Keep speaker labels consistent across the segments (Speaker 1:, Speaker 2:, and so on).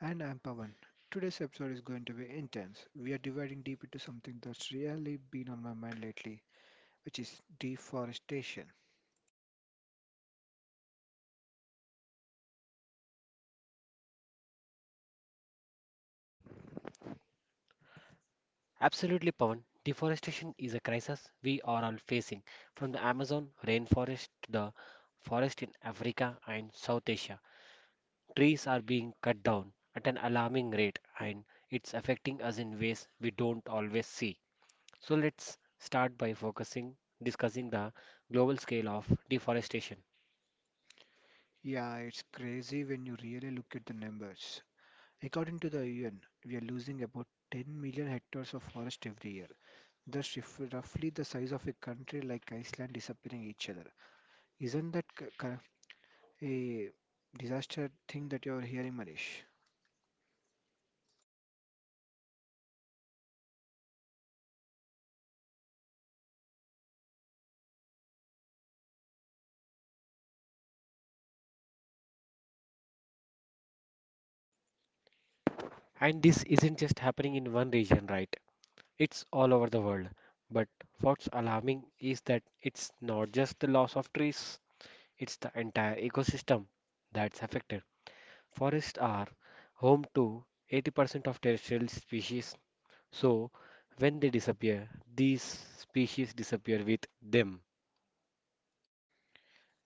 Speaker 1: And I'm Pavan. Today's episode is going to be intense. We are diving deep into something that's really been on my mind lately, which is deforestation. Yeah, it's crazy when you really look at the numbers. According to the UN, we are losing about 10 million hectares of forest every year. That's roughly the size of a country like Iceland disappearing each other. Isn't that c- cor- a disaster thing that you're hearing, Manish?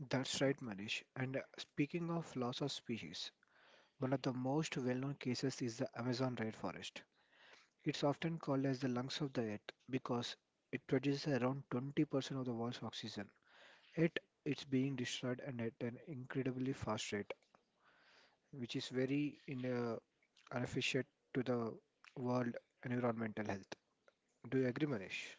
Speaker 1: That's right, Manish. And speaking of loss of species, one of the most well known cases is the Amazon rainforest. It's often called as the lungs of the earth because it produces around 20% of the world's oxygen. Yet it's being destroyed and at an incredibly fast rate, which is very inefficient to the world environmental health. Do you agree, Manish?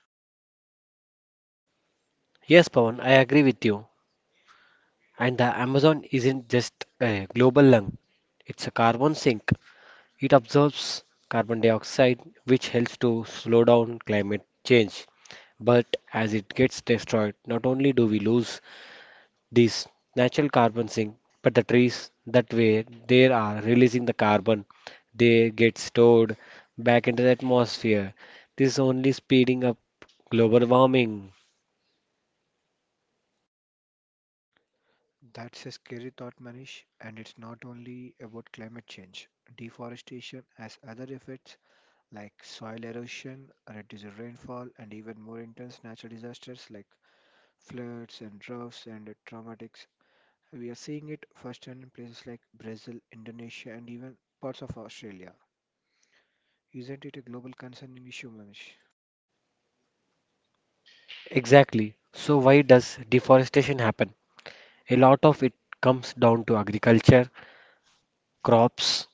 Speaker 1: That's a scary thought, Manish, and it's not only about climate change. Deforestation has other effects like soil erosion, reduced rainfall, and even more intense natural disasters like floods and droughts and traumatics. We are seeing it firsthand in places like Brazil, Indonesia, and even parts of Australia. Isn't it a global concerning issue, Manish?
Speaker 2: Exactly. So why does deforestation happen? A lot of it comes down to agriculture, crops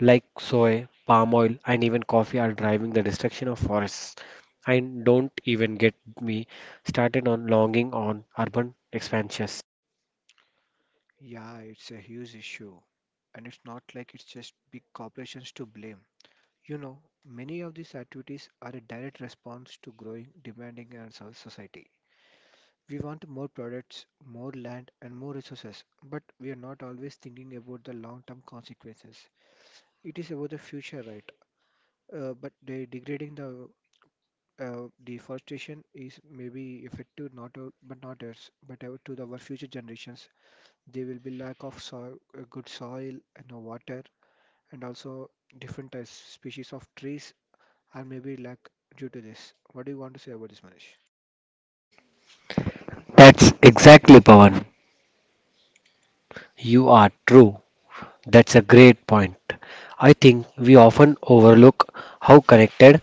Speaker 2: like soy, palm oil, and even coffee are driving the destruction of forests. And don't even get me started on longing on urban expansions.
Speaker 1: Yeah, it's a huge issue. And it's not like it's just big corporations to blame. You know, many of these activities are a direct response to growing demanding in our society. We want more products, more land, and more resources, but we are not always thinking about the long term consequences. It is about the future, right? But the degrading the deforestation is maybe effective not us but out to the, our future generations. There will be lack of soil, good soil, and water, and also different types species of trees, and maybe lack due to this. What do you want to say about this, Manish?
Speaker 2: That's exactly Pawan. You are true. That's a great point. I think we often overlook how connected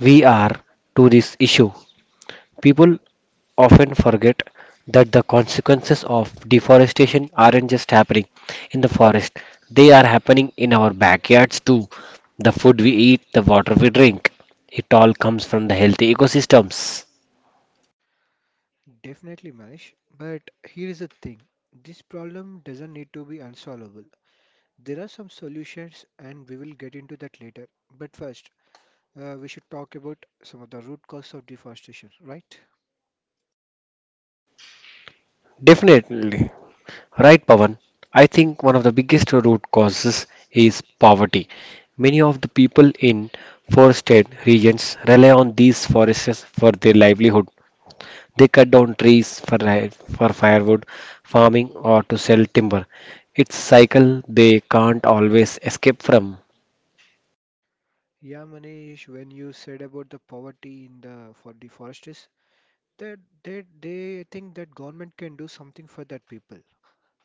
Speaker 2: we are to this issue. People often forget that the consequences of deforestation aren't just happening in the forest, they are happening in our backyards too. The food we eat, the water we drink, it all comes from the healthy ecosystems.
Speaker 1: Definitely, Mesh. But here is the thing, this problem doesn't need to be unsolvable. There are some solutions, and we will get into that later. But first, we should talk about some of the root cause of deforestation, right?
Speaker 2: Definitely. Right, Pavan. I think one of the biggest root causes is poverty. Many of the people in forested regions rely on these forests for their livelihood. They cut down trees for, for firewood, farming, or to sell timber. It's cycle they can't always escape from.
Speaker 1: Yeah, Manish, when you said about the poverty in the for deforesters, that they think that government can do something for that people,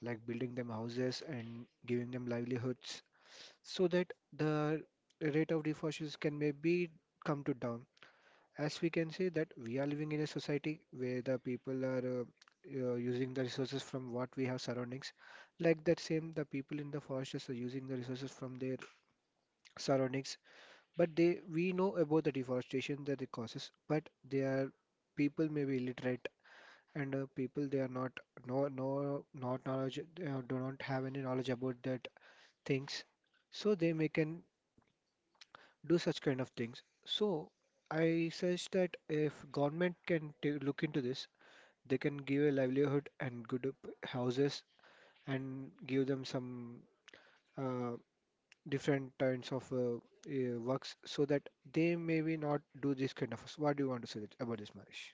Speaker 1: like building them houses and giving them livelihoods, so that the rate of deforestation can maybe come to down. As we can say that we are living in a society where the people are using the resources from what we have surroundings, like that same the people in the forests are using the resources from their surroundings. But they we know about the deforestation that it causes, but they are people may be illiterate, and people they are not no not knowledge, do not have any knowledge about that things, so they may can do such kind of things. So I suggest that if government can t look into this, they can give a livelihood and good houses, and give them some uh, different kinds of works, so that they maybe not do this kind of. What do you want to say that, about this, Manish?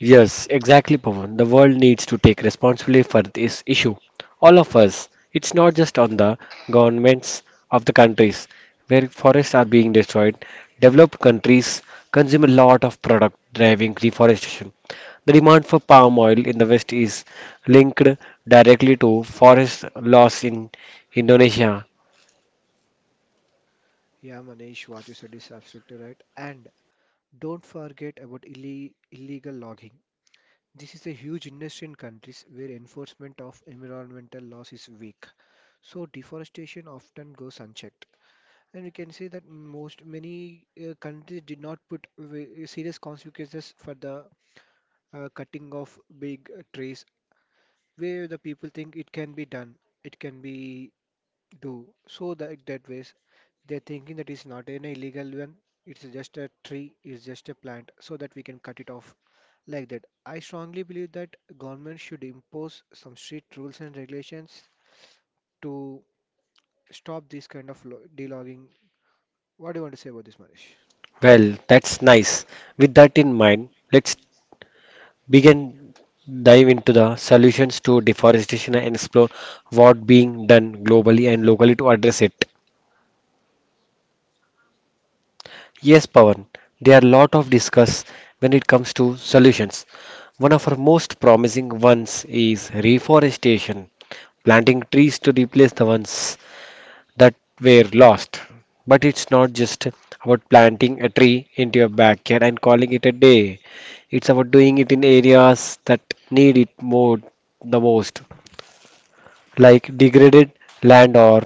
Speaker 2: Yes, exactly, Pawan. The world needs to take responsibility for this issue. All of us. It's not just on the governments of the countries where forests are being destroyed. Developed countries consume a lot of product driving deforestation. The demand for palm oil in the West is linked directly to forest loss in Indonesia.
Speaker 1: Yeah, Manish, what you said is absolutely right. And don't forget about illi illegal logging. This is a huge industry in countries where enforcement of environmental laws is weak, so deforestation often goes unchecked. And we can say that most many countries did not put serious consequences for the cutting of big trees, where the people think it can be done, it can be do. So that that ways they're thinking that it's not an illegal one, it's just a tree, it's just a plant, so that we can cut it off like that. I strongly believe that government should impose some strict rules and regulations to stop this kind of delogging. What do you want to say about this, Manish?
Speaker 2: Well, that's nice. With that in mind, let's. We can dive into the solutions to deforestation and explore what being done globally and locally to address it. Yes, Pawan, there are a lot of discuss when it comes to solutions. One of our most promising ones is reforestation, planting trees to replace the ones that were lost. But it's not just about planting a tree into your backyard and calling it a day. It's about doing it in areas that need it more the most, like degraded land or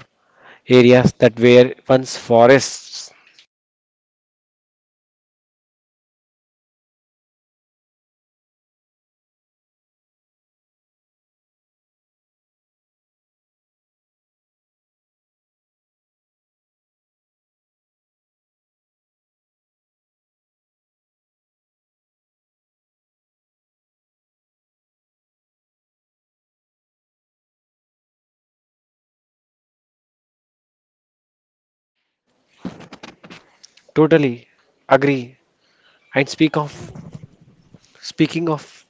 Speaker 2: areas that were once forests. Totally agree. And speaking of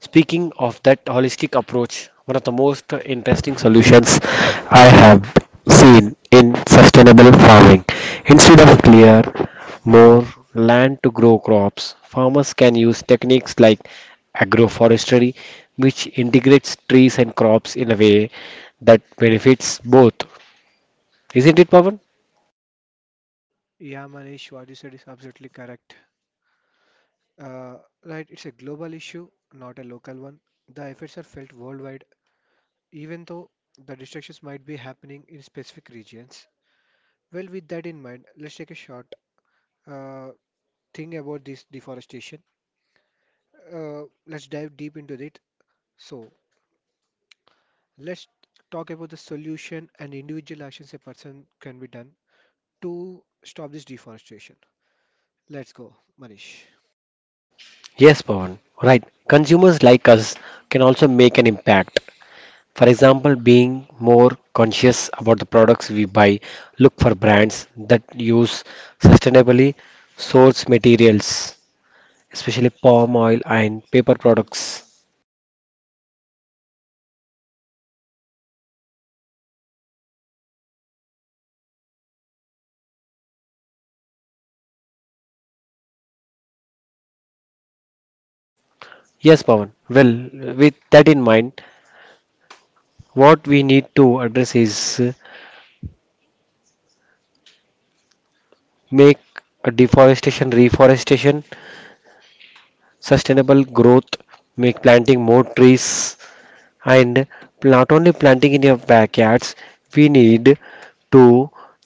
Speaker 2: speaking of that holistic approach, one of the most interesting solutions I have seen in sustainable farming. Instead of clear more land to grow crops, farmers can use techniques like agroforestry, which integrates trees and crops in a way that benefits both. Isn't it, Pawan?
Speaker 1: Yeah, Manish, what you said is absolutely correct. Uh, right, it's a global issue, not a local one. The effects are felt worldwide, even though the destructions might be happening in specific regions. Well, with that in mind, let's take a short uh, thing about this deforestation. Let's dive deep into it. So, let's talk about the solution and individual actions a person can be done to stop this deforestation. Let's go, Manish.
Speaker 2: Yes, Pawan. Right. Consumers like us can also make an impact. For example, being more conscious about the products we buy, look for brands that use sustainably sourced materials, especially palm oil and paper products. Yes, Pawan. Well, with that in mind, what we need to address is make a deforestation, reforestation, sustainable growth, make planting more trees. And not only planting in your backyards, we need to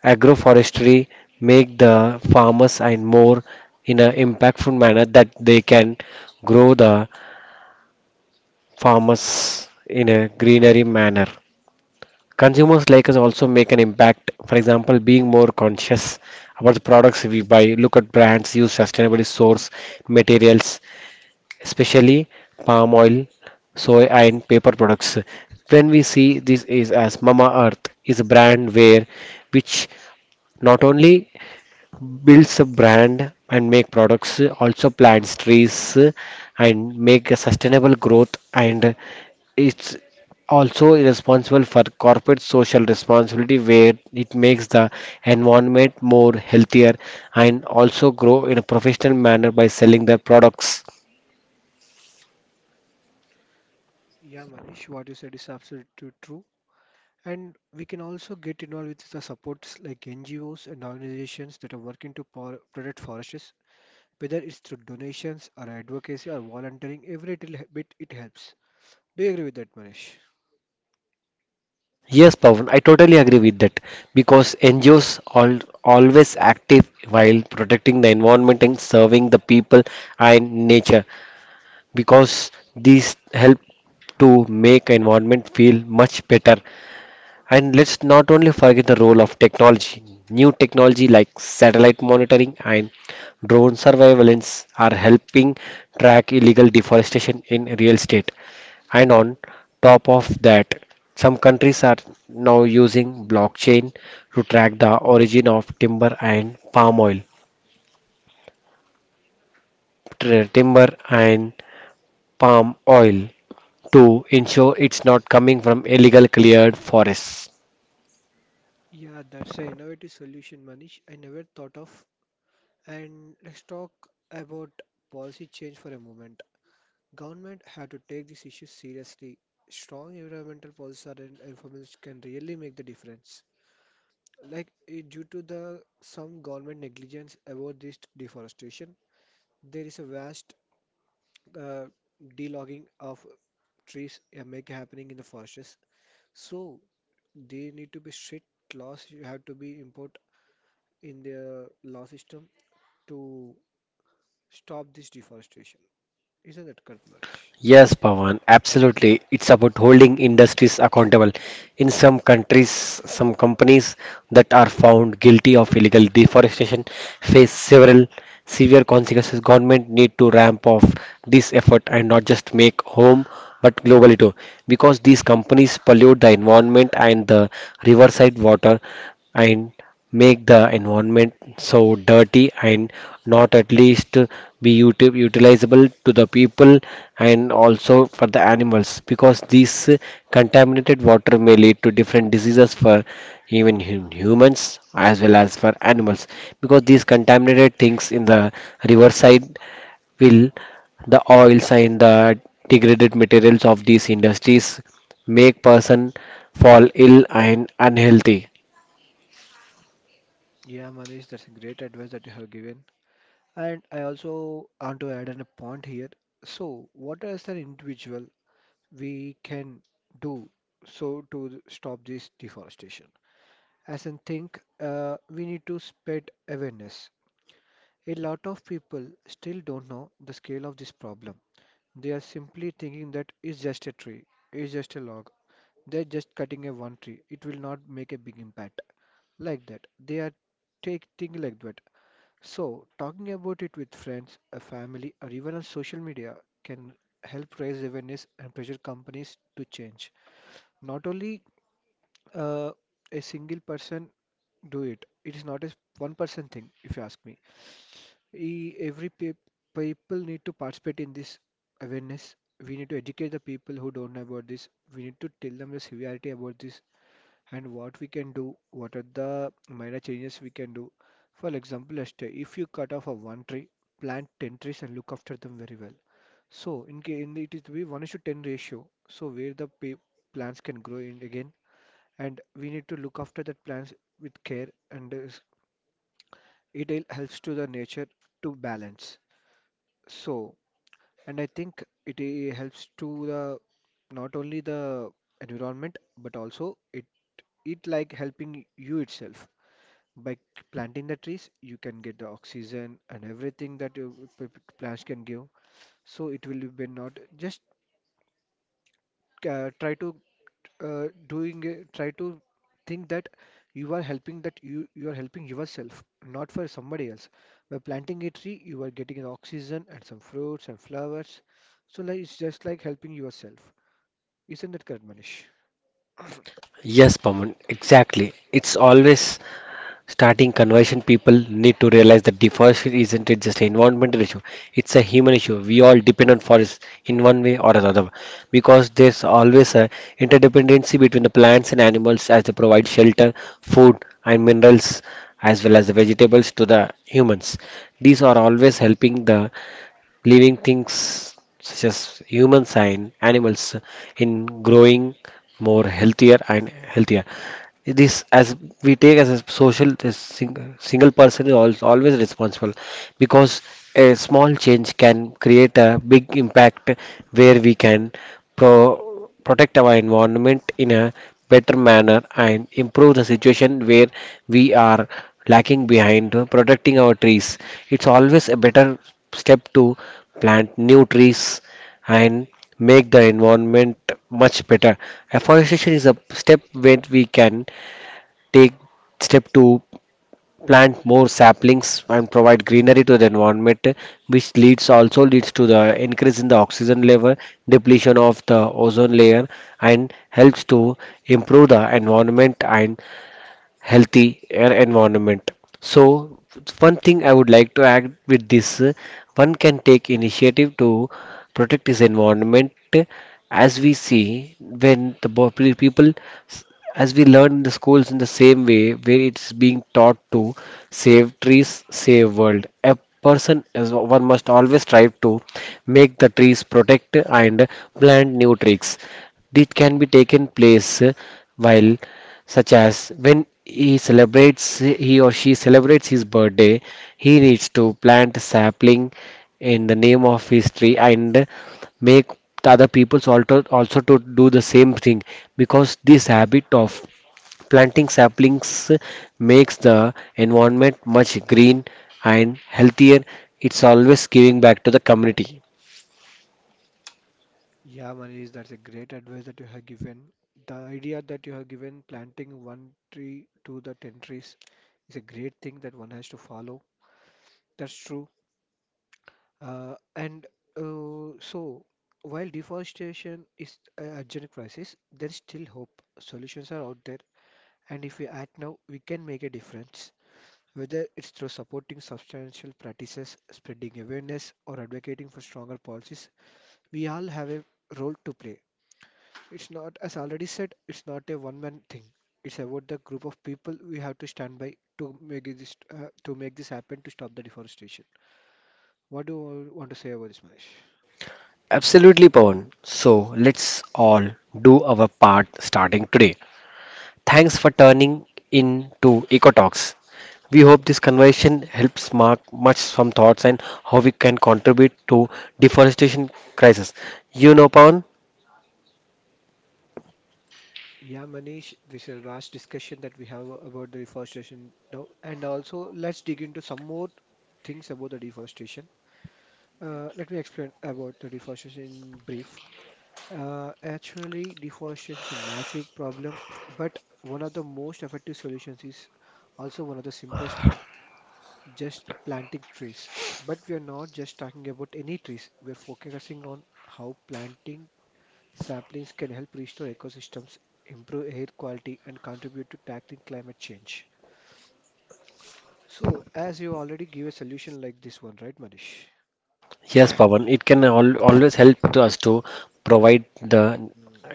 Speaker 2: agroforestry make the farmers and more in an impactful manner that they can grow the farmers in a greenery manner. Consumers like us also make an impact. For example, being more conscious about the products we buy. Look at brands use sustainably source
Speaker 1: Thank.
Speaker 2: materials, especially palm oil, soy, and paper products. When we see this is as Mama Earth is a brand where which not only builds a brand and make products, also plants trees and make a sustainable growth, and it's also responsible for corporate social responsibility where it makes the environment more healthier and also grow in a professional manner by selling their products.
Speaker 1: Yeah, Manish, what you said is absolutely true. And we can also get involved with the supports like NGOs and organizations that are working to protect forests, whether it's through donations or advocacy or volunteering, every little bit it helps. Do you agree with that, Manish?
Speaker 2: Yes, Pawan, I totally agree with that because NGOs are always active while protecting the environment and serving the people and nature, because these help to make environment feel much better. And let's not only forget the role of technology. New technology like satellite monitoring and drone surveillance are helping track illegal deforestation in real estate. And on top of that, some countries are now using blockchain to track the origin of timber and palm oil. Timber and palm oil to ensure it's not coming from illegal cleared forests.
Speaker 1: Yeah, that's an innovative solution, Manish. I never thought of. And let's talk about policy change for a moment. Government had to take these issues seriously. Strong environmental policies and enforcement can really make the difference. Like due to the some government negligence about this deforestation, there is a vast uh, de-logging of trees, make happening in the forests. So they need to be strict laws, you have to be import in the law system to stop this deforestation. Isn't that correct, Manish?
Speaker 2: Yes, Pawan, absolutely. It's about holding industries accountable. In some countries, some companies that are found guilty of illegal deforestation face several severe consequences. Government need to ramp up this effort and not just make home but globally too, because these companies pollute the environment and the riverside water and make the environment so dirty and not at least be utilizable to the people and also for the animals, because this contaminated water may lead to different diseases for even humans as well as for animals, because these contaminated things in the riverside will the oils and the degraded materials of these industries make person fall ill and unhealthy.
Speaker 1: Yeah, Manish, that's a great advice that you have given. And I also want to add on a point here. So, what is an individual we can do so to stop this deforestation. As I think, we need to spread awareness. A lot of people still don't know the scale of this problem. They are simply thinking that it's just a tree, it's just a log, they're just cutting a one tree, it will not make a big impact, like that they are take thing like that. So talking about it with friends a family or even on social media can help raise awareness and pressure companies to change. Not only uh, a single person do it. It is not a one person thing, if you ask me. Every people need to participate in this awareness. We need to educate the people who don't know about this. We need to tell them the severity about this and what we can do. What are the minor changes we can do? For example, yesterday, if you cut off a one tree, plant 10 trees and look after them very well. So in, in it is to be 1 is to 10 ratio. So where the plants can grow in again, and we need to look after that plants with care, and it helps to the nature to balance. So, and I think it helps to the not only the environment, but also it like helping you itself. By planting the trees you can get the oxygen and everything that you, plants can give. So it will be not just try to doing it, try to think that you are helping, that you are helping yourself, not for somebody else. By planting a tree, you are getting an oxygen and some fruits and flowers. So like it's just like helping yourself. Isn't that correct, Manish?
Speaker 2: Yes, Paman, exactly. It's always starting conversion, people need to realize that deforestation isn't it just an environmental issue, it's a human issue. We all depend on forests in one way or another, because there's always a interdependency between the plants and animals as they provide shelter, food and minerals as well as the vegetables to the humans. These are always helping the living things such as humans and animals in growing more healthier and healthier. This as we take as a social this single person is always responsible, because a small change can create a big impact where we can protect our environment in a better manner and improve the situation where we are lacking behind protecting our trees. It's always a better step to plant new trees and make the environment much better. Afforestation is a step where we can take step to plant more saplings and provide greenery to the environment, which leads also leads to the increase in the oxygen level, depletion of the ozone layer, and helps to improve the environment and healthy air environment. So, one thing I would like to add with this one can take initiative to protect his environment as we see when the people s- as we learn in the schools, in the same way where it's being taught to save trees save world, a person is one must always strive to make the trees protect and plant new trees. This can be taken place while such as when he celebrates he or she celebrates his birthday, he needs to plant a sapling in the name of his tree and make the other people also to do the same thing, because this habit of planting saplings makes the environment much green and healthier. It's always giving back to the community.
Speaker 1: Yeah, Manish, that's a great advice that you have given. The idea that you have given, planting one tree to the 10 trees, is a great thing that one has to follow. That's true. Uh, and uh, so, while deforestation is a urgent crisis, there's still hope. Solutions are out there, and if we act now, we can make a difference. Whether it's through supporting substantial practices, spreading awareness, or advocating for stronger policies, we all have a role to play. It's not, as already said, it's not a one-man thing. It's about the group of people we have to stand by to make this happen to stop the deforestation. What do you want to say about this, Mahesh?
Speaker 2: Absolutely, Pawan. So let's all do our part starting today. Thanks for turning in to EcoTalks. We hope this conversation helps mark much some thoughts and how we can contribute to deforestation crisis. You know, Pawan?
Speaker 1: Yeah, Manish, this is a vast discussion that we have about the deforestation now, and also let's dig into some more things about the deforestation. Let me explain about the deforestation in brief. Actually, deforestation is a massive problem, but one of the most effective solutions is also one of the simplest, just planting trees. But we are not just talking about any trees, we are focusing on how planting saplings can help restore ecosystems, improve air quality, and contribute to tackling climate change. So, as you already give a solution like this one, right, Manish?
Speaker 2: Yes, Pawan. It can always help to us to provide the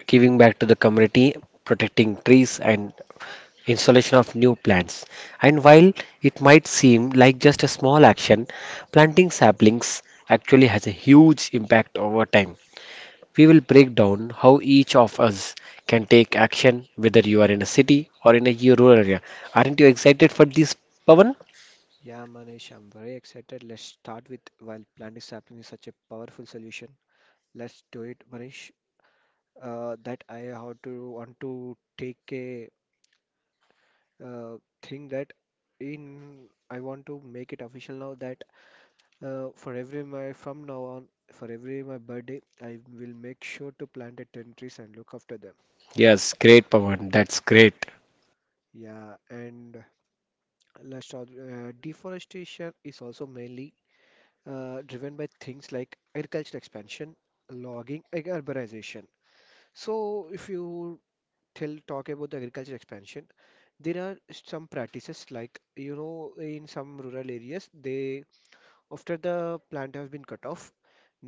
Speaker 2: giving back to the community, protecting trees and installation of new plants. And while it might seem like just a small action, planting saplings actually has a huge impact over time. We will break down how each of us can take action, whether you are in a city or in a rural area. Aren't you excited for this, Pavan?
Speaker 1: Yeah, Manish, I'm very excited. Let's start with while planting sapling is such a powerful solution. Let's do it, Manish. That I how to want to take a uh, thing that in I want to make it official now that, for every my from now on, for every my birthday, I will make sure to plant a 10 trees and look after them.
Speaker 2: Yes, great, Pavan. That's great.
Speaker 1: Yeah, and last, deforestation is also mainly driven by things like agricultural expansion, logging, and urbanization. So, if you tell talk about the agricultural expansion, there are some practices, like, in some rural areas they, after the plant has been cut off,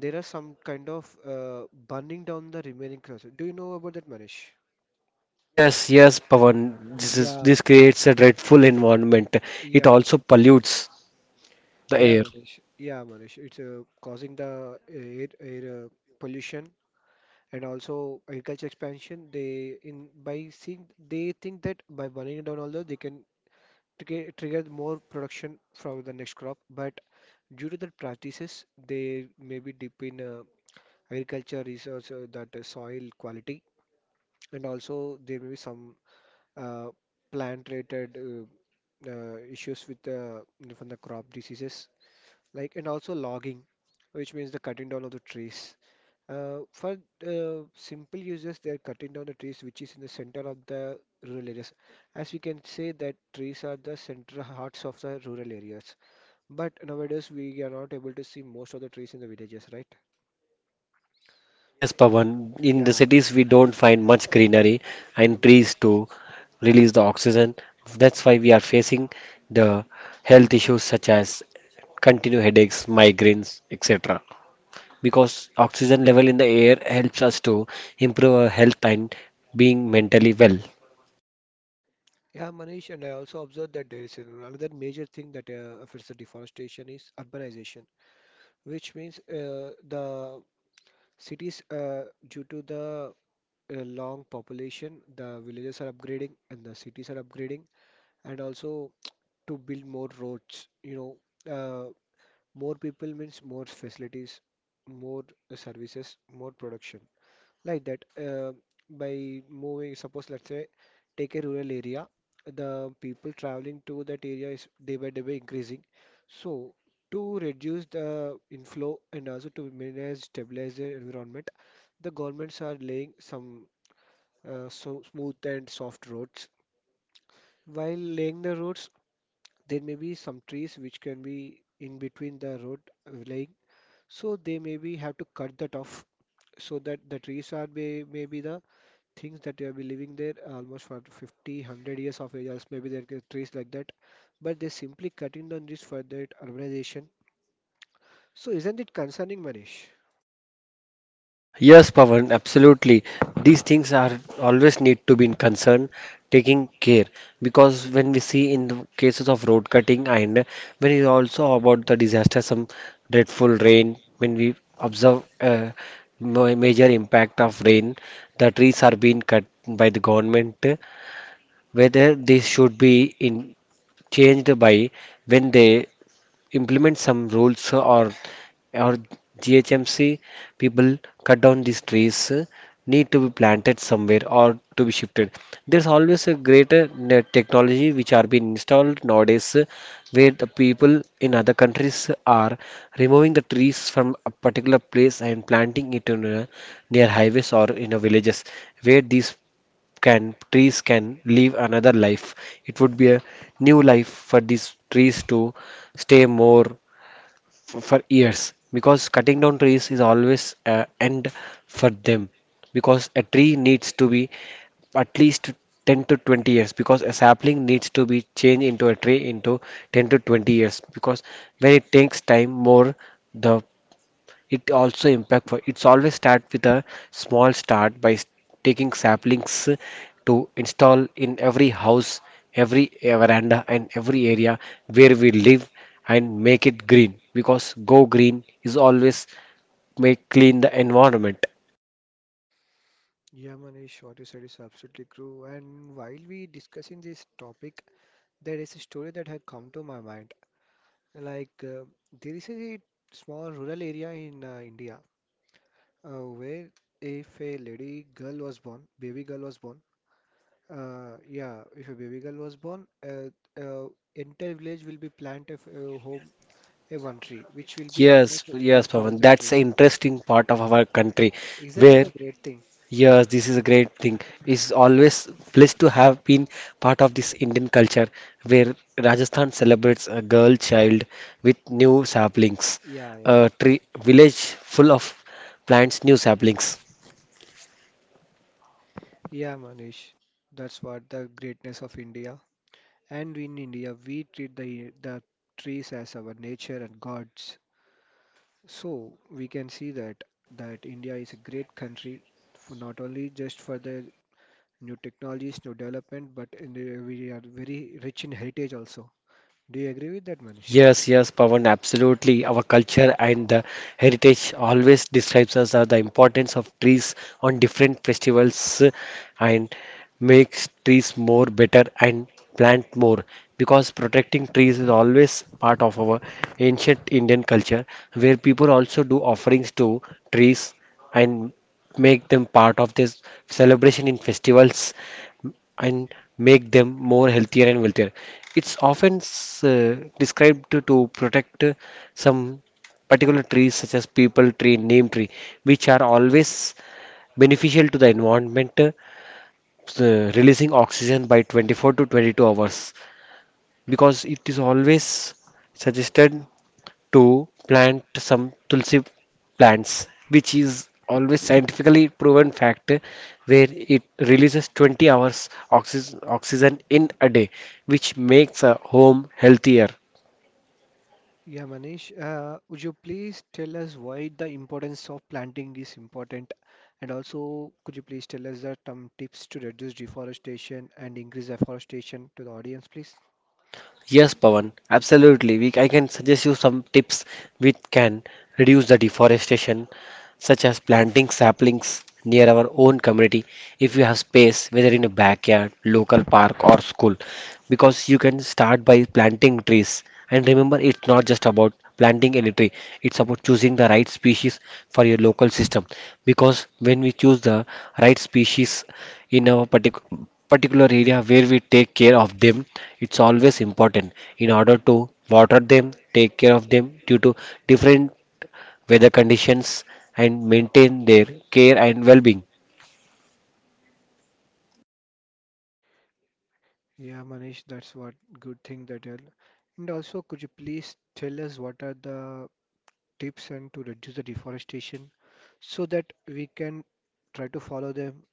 Speaker 1: there are some kind of burning down the remaining crosses. Do you know about that, Manish?
Speaker 2: Yes, yes, Pavan. This
Speaker 1: Yeah,
Speaker 2: creates a dreadful environment. It
Speaker 1: yeah,
Speaker 2: also pollutes the
Speaker 1: yeah,
Speaker 2: air.
Speaker 1: Manish. Yeah, Manish. It's causing the air pollution. And also agriculture expansion, they, in by seeing, they think that by burning it down although they can trigger more production from the next crop. But due to the practices, they maybe dip in, agriculture research, that soil quality, and also there may be some uh, plant related issues with the, from the crop diseases, like, and also logging, which means the cutting down of the trees for simple users. They are cutting down the trees which is in the center of the rural areas, as we can say that trees are the central hearts of the rural areas, but nowadays we are not able to see most of the trees in the villages, right?
Speaker 2: Yes, Pavan. In the
Speaker 1: Yeah.
Speaker 2: cities, we don't find much greenery and
Speaker 1: Mm.
Speaker 2: trees to release the oxygen. That's why we
Speaker 1: Mm.
Speaker 2: are facing the health issues such as continued headaches, migraines, etc., because oxygen level in the air helps us to improve our health and being mentally well.
Speaker 1: Yeah, Manish, and I also observed that there is another major thing that affects the deforestation is urbanization, which means the cities, due to the long population, the villages are upgrading and the cities are upgrading, and also to build more roads, uh, more people means more facilities, more services, more production like that. Uh, by moving, suppose let's say take a rural area, the people traveling to that area is day by day by increasing. So to reduce the inflow and also to manage, stabilize the environment, the governments are laying some so smooth and soft roads. While laying the roads, there may be some trees which can be in between the road laying, so they maybe have to cut that off. So that the trees are maybe the things that they have been living there almost for 50, 100 years of age, else maybe there are trees like that. But they're simply cutting down this for that urbanization. So isn't it concerning, Manish?
Speaker 2: Yes, Pavan, absolutely. These things are always need to be in concern, taking care, because when we see in the cases of road cutting and when is also about the disaster, some dreadful rain, when we observe a major impact of rain, the trees are being cut by the government, whether this should be in, changed by when they implement some rules or GHMC people cut down these trees need to be planted somewhere or to be shifted. There's always a greater technology which are being installed nowadays where the people in other countries are removing the trees from a particular place and planting it in a, near highways or in a villages where these can trees can live another life. It would be a new life for these trees to stay more for years, because cutting down trees is always a end for them, because a tree needs to be at least 10 to 20 years, because a sapling needs to be changed into a tree into 10 to 20 years, because when it takes time more the it also impact for it's always start with a small start by taking saplings to install in every house, every veranda and every area where we live and make it green, because go green is always make clean the environment.
Speaker 1: Yeah, Manish, what you said is absolutely true. And while we discussing this topic, there is a story that had come to my mind. Like, there is a small rural area in India where, if a lady girl was born, baby girl was born, yeah, if a baby girl was born, uh, entire village will be plant a, a home, a one tree, which will be
Speaker 2: Yes,
Speaker 1: almost
Speaker 2: yes, Pavan.
Speaker 1: 1,000
Speaker 2: That's an
Speaker 1: trees.
Speaker 2: interesting part
Speaker 1: I-
Speaker 2: of our country
Speaker 1: Isn't that
Speaker 2: where.
Speaker 1: a great thing?
Speaker 2: Yes, this is a great thing. It's always blessed to have been part of this Indian culture where Rajasthan celebrates a girl child with new saplings,
Speaker 1: Yeah, yeah.
Speaker 2: a tree village full of plants, new saplings.
Speaker 1: Yeah, Manish. That's what the greatness of India. And in India, we treat the trees as our nature and gods. So we can see that India is a great country, for not only just for the new technologies, new development, but in the, we are very rich in heritage also. Do you agree with that, Manish?
Speaker 2: Yes, yes, Pavan, absolutely. Our culture and the heritage always describes us as the importance of trees on different festivals and makes trees more better and plant more, because protecting trees is always part of our ancient Indian culture where people also do offerings to trees and make them part of this celebration in festivals and make them more healthier and wealthier. It's often described to protect some particular trees such as people tree, neem tree, which are always beneficial to the environment, releasing oxygen by 24 to 22 hours, because it is always suggested to plant some tulsi plants which is always scientifically proven fact where it releases 20 hours oxygen in a day which makes a home healthier.
Speaker 1: Yeah, Manish, would you please tell us why the importance of planting is important? And also, could you please tell us that some tips to reduce deforestation and increase afforestation to the audience, please?
Speaker 2: Yes, Pawan, absolutely. I can suggest you some tips which can reduce the deforestation, such as planting saplings near our own community. If you have space, whether in a backyard, local park, or school. Because you can start by planting trees. And remember, it's not just about planting any tree, it's about choosing the right species for your local system. Because when we choose the right species in our particular area where we take care of them, it's always important in order to water them take care of them due to different weather conditions and maintain their care and well-being.
Speaker 1: Yeah, Manish, that's what good thing that you're. And also, could you please tell us what are the tips and to reduce the deforestation so that we can try to follow them?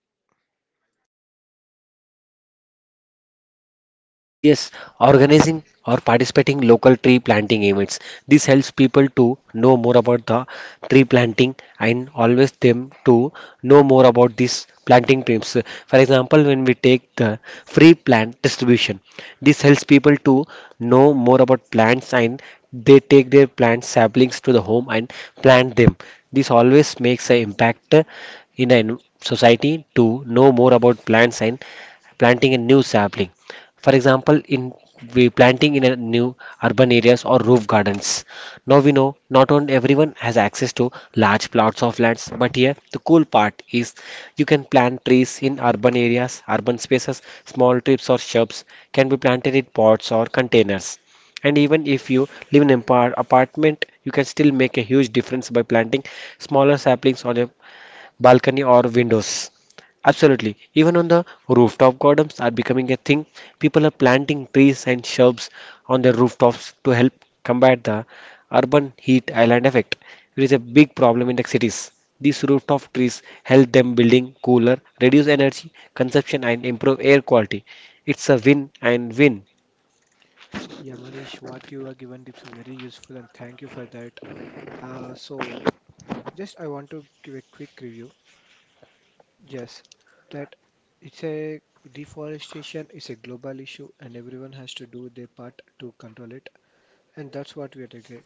Speaker 2: Yes, organizing or participating local tree planting events. This helps people to know more about the tree planting and always them to know more about these planting tips. For example, when we take the free plant distribution, this helps people to know more about plants and they take their plant saplings to the home and plant them. This always makes an impact in a society to know more about plants and planting a new sapling. For example, in we planting in a new urban areas or roof gardens. Now we know not on everyone has access to large plots of lands, but here the cool part is you can plant trees in urban areas, urban spaces, small trips or shrubs can be planted in pots or containers. And even if you live in an apartment, you can still make a huge difference by planting smaller saplings on a balcony or windows. Absolutely. Even on the rooftop gardens are becoming a thing. People are planting trees and shrubs on their rooftops to help combat the urban heat island effect, which is a big problem in the cities. These rooftop trees help them building cooler, reduce energy consumption and improve air quality. It's a win and win.
Speaker 1: Yeah, Manish, what you are given tips are very useful, and thank you for that. So just I want to give a quick review. Just that it's a deforestation is a global issue and everyone has to do their part to control it. And that's what we are doing.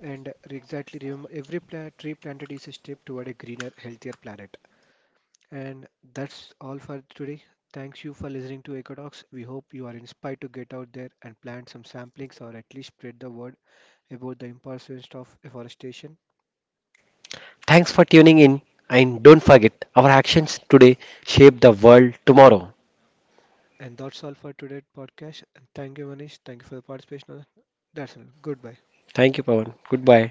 Speaker 1: And exactly, remember, every plant, tree planted is a step toward a greener, healthier planet. And that's all for today. Thanks you for listening to Eco Talks. We hope you are inspired to get out there and plant some samplings, or at least spread the word about the importance of afforestation.
Speaker 2: Thanks for tuning in and don't forget our actions today shape the world tomorrow.
Speaker 1: And that's all for today's podcast. And thank you, Manish. Thank you for the participation. That's all. Goodbye.
Speaker 2: Thank you Pawan. Goodbye.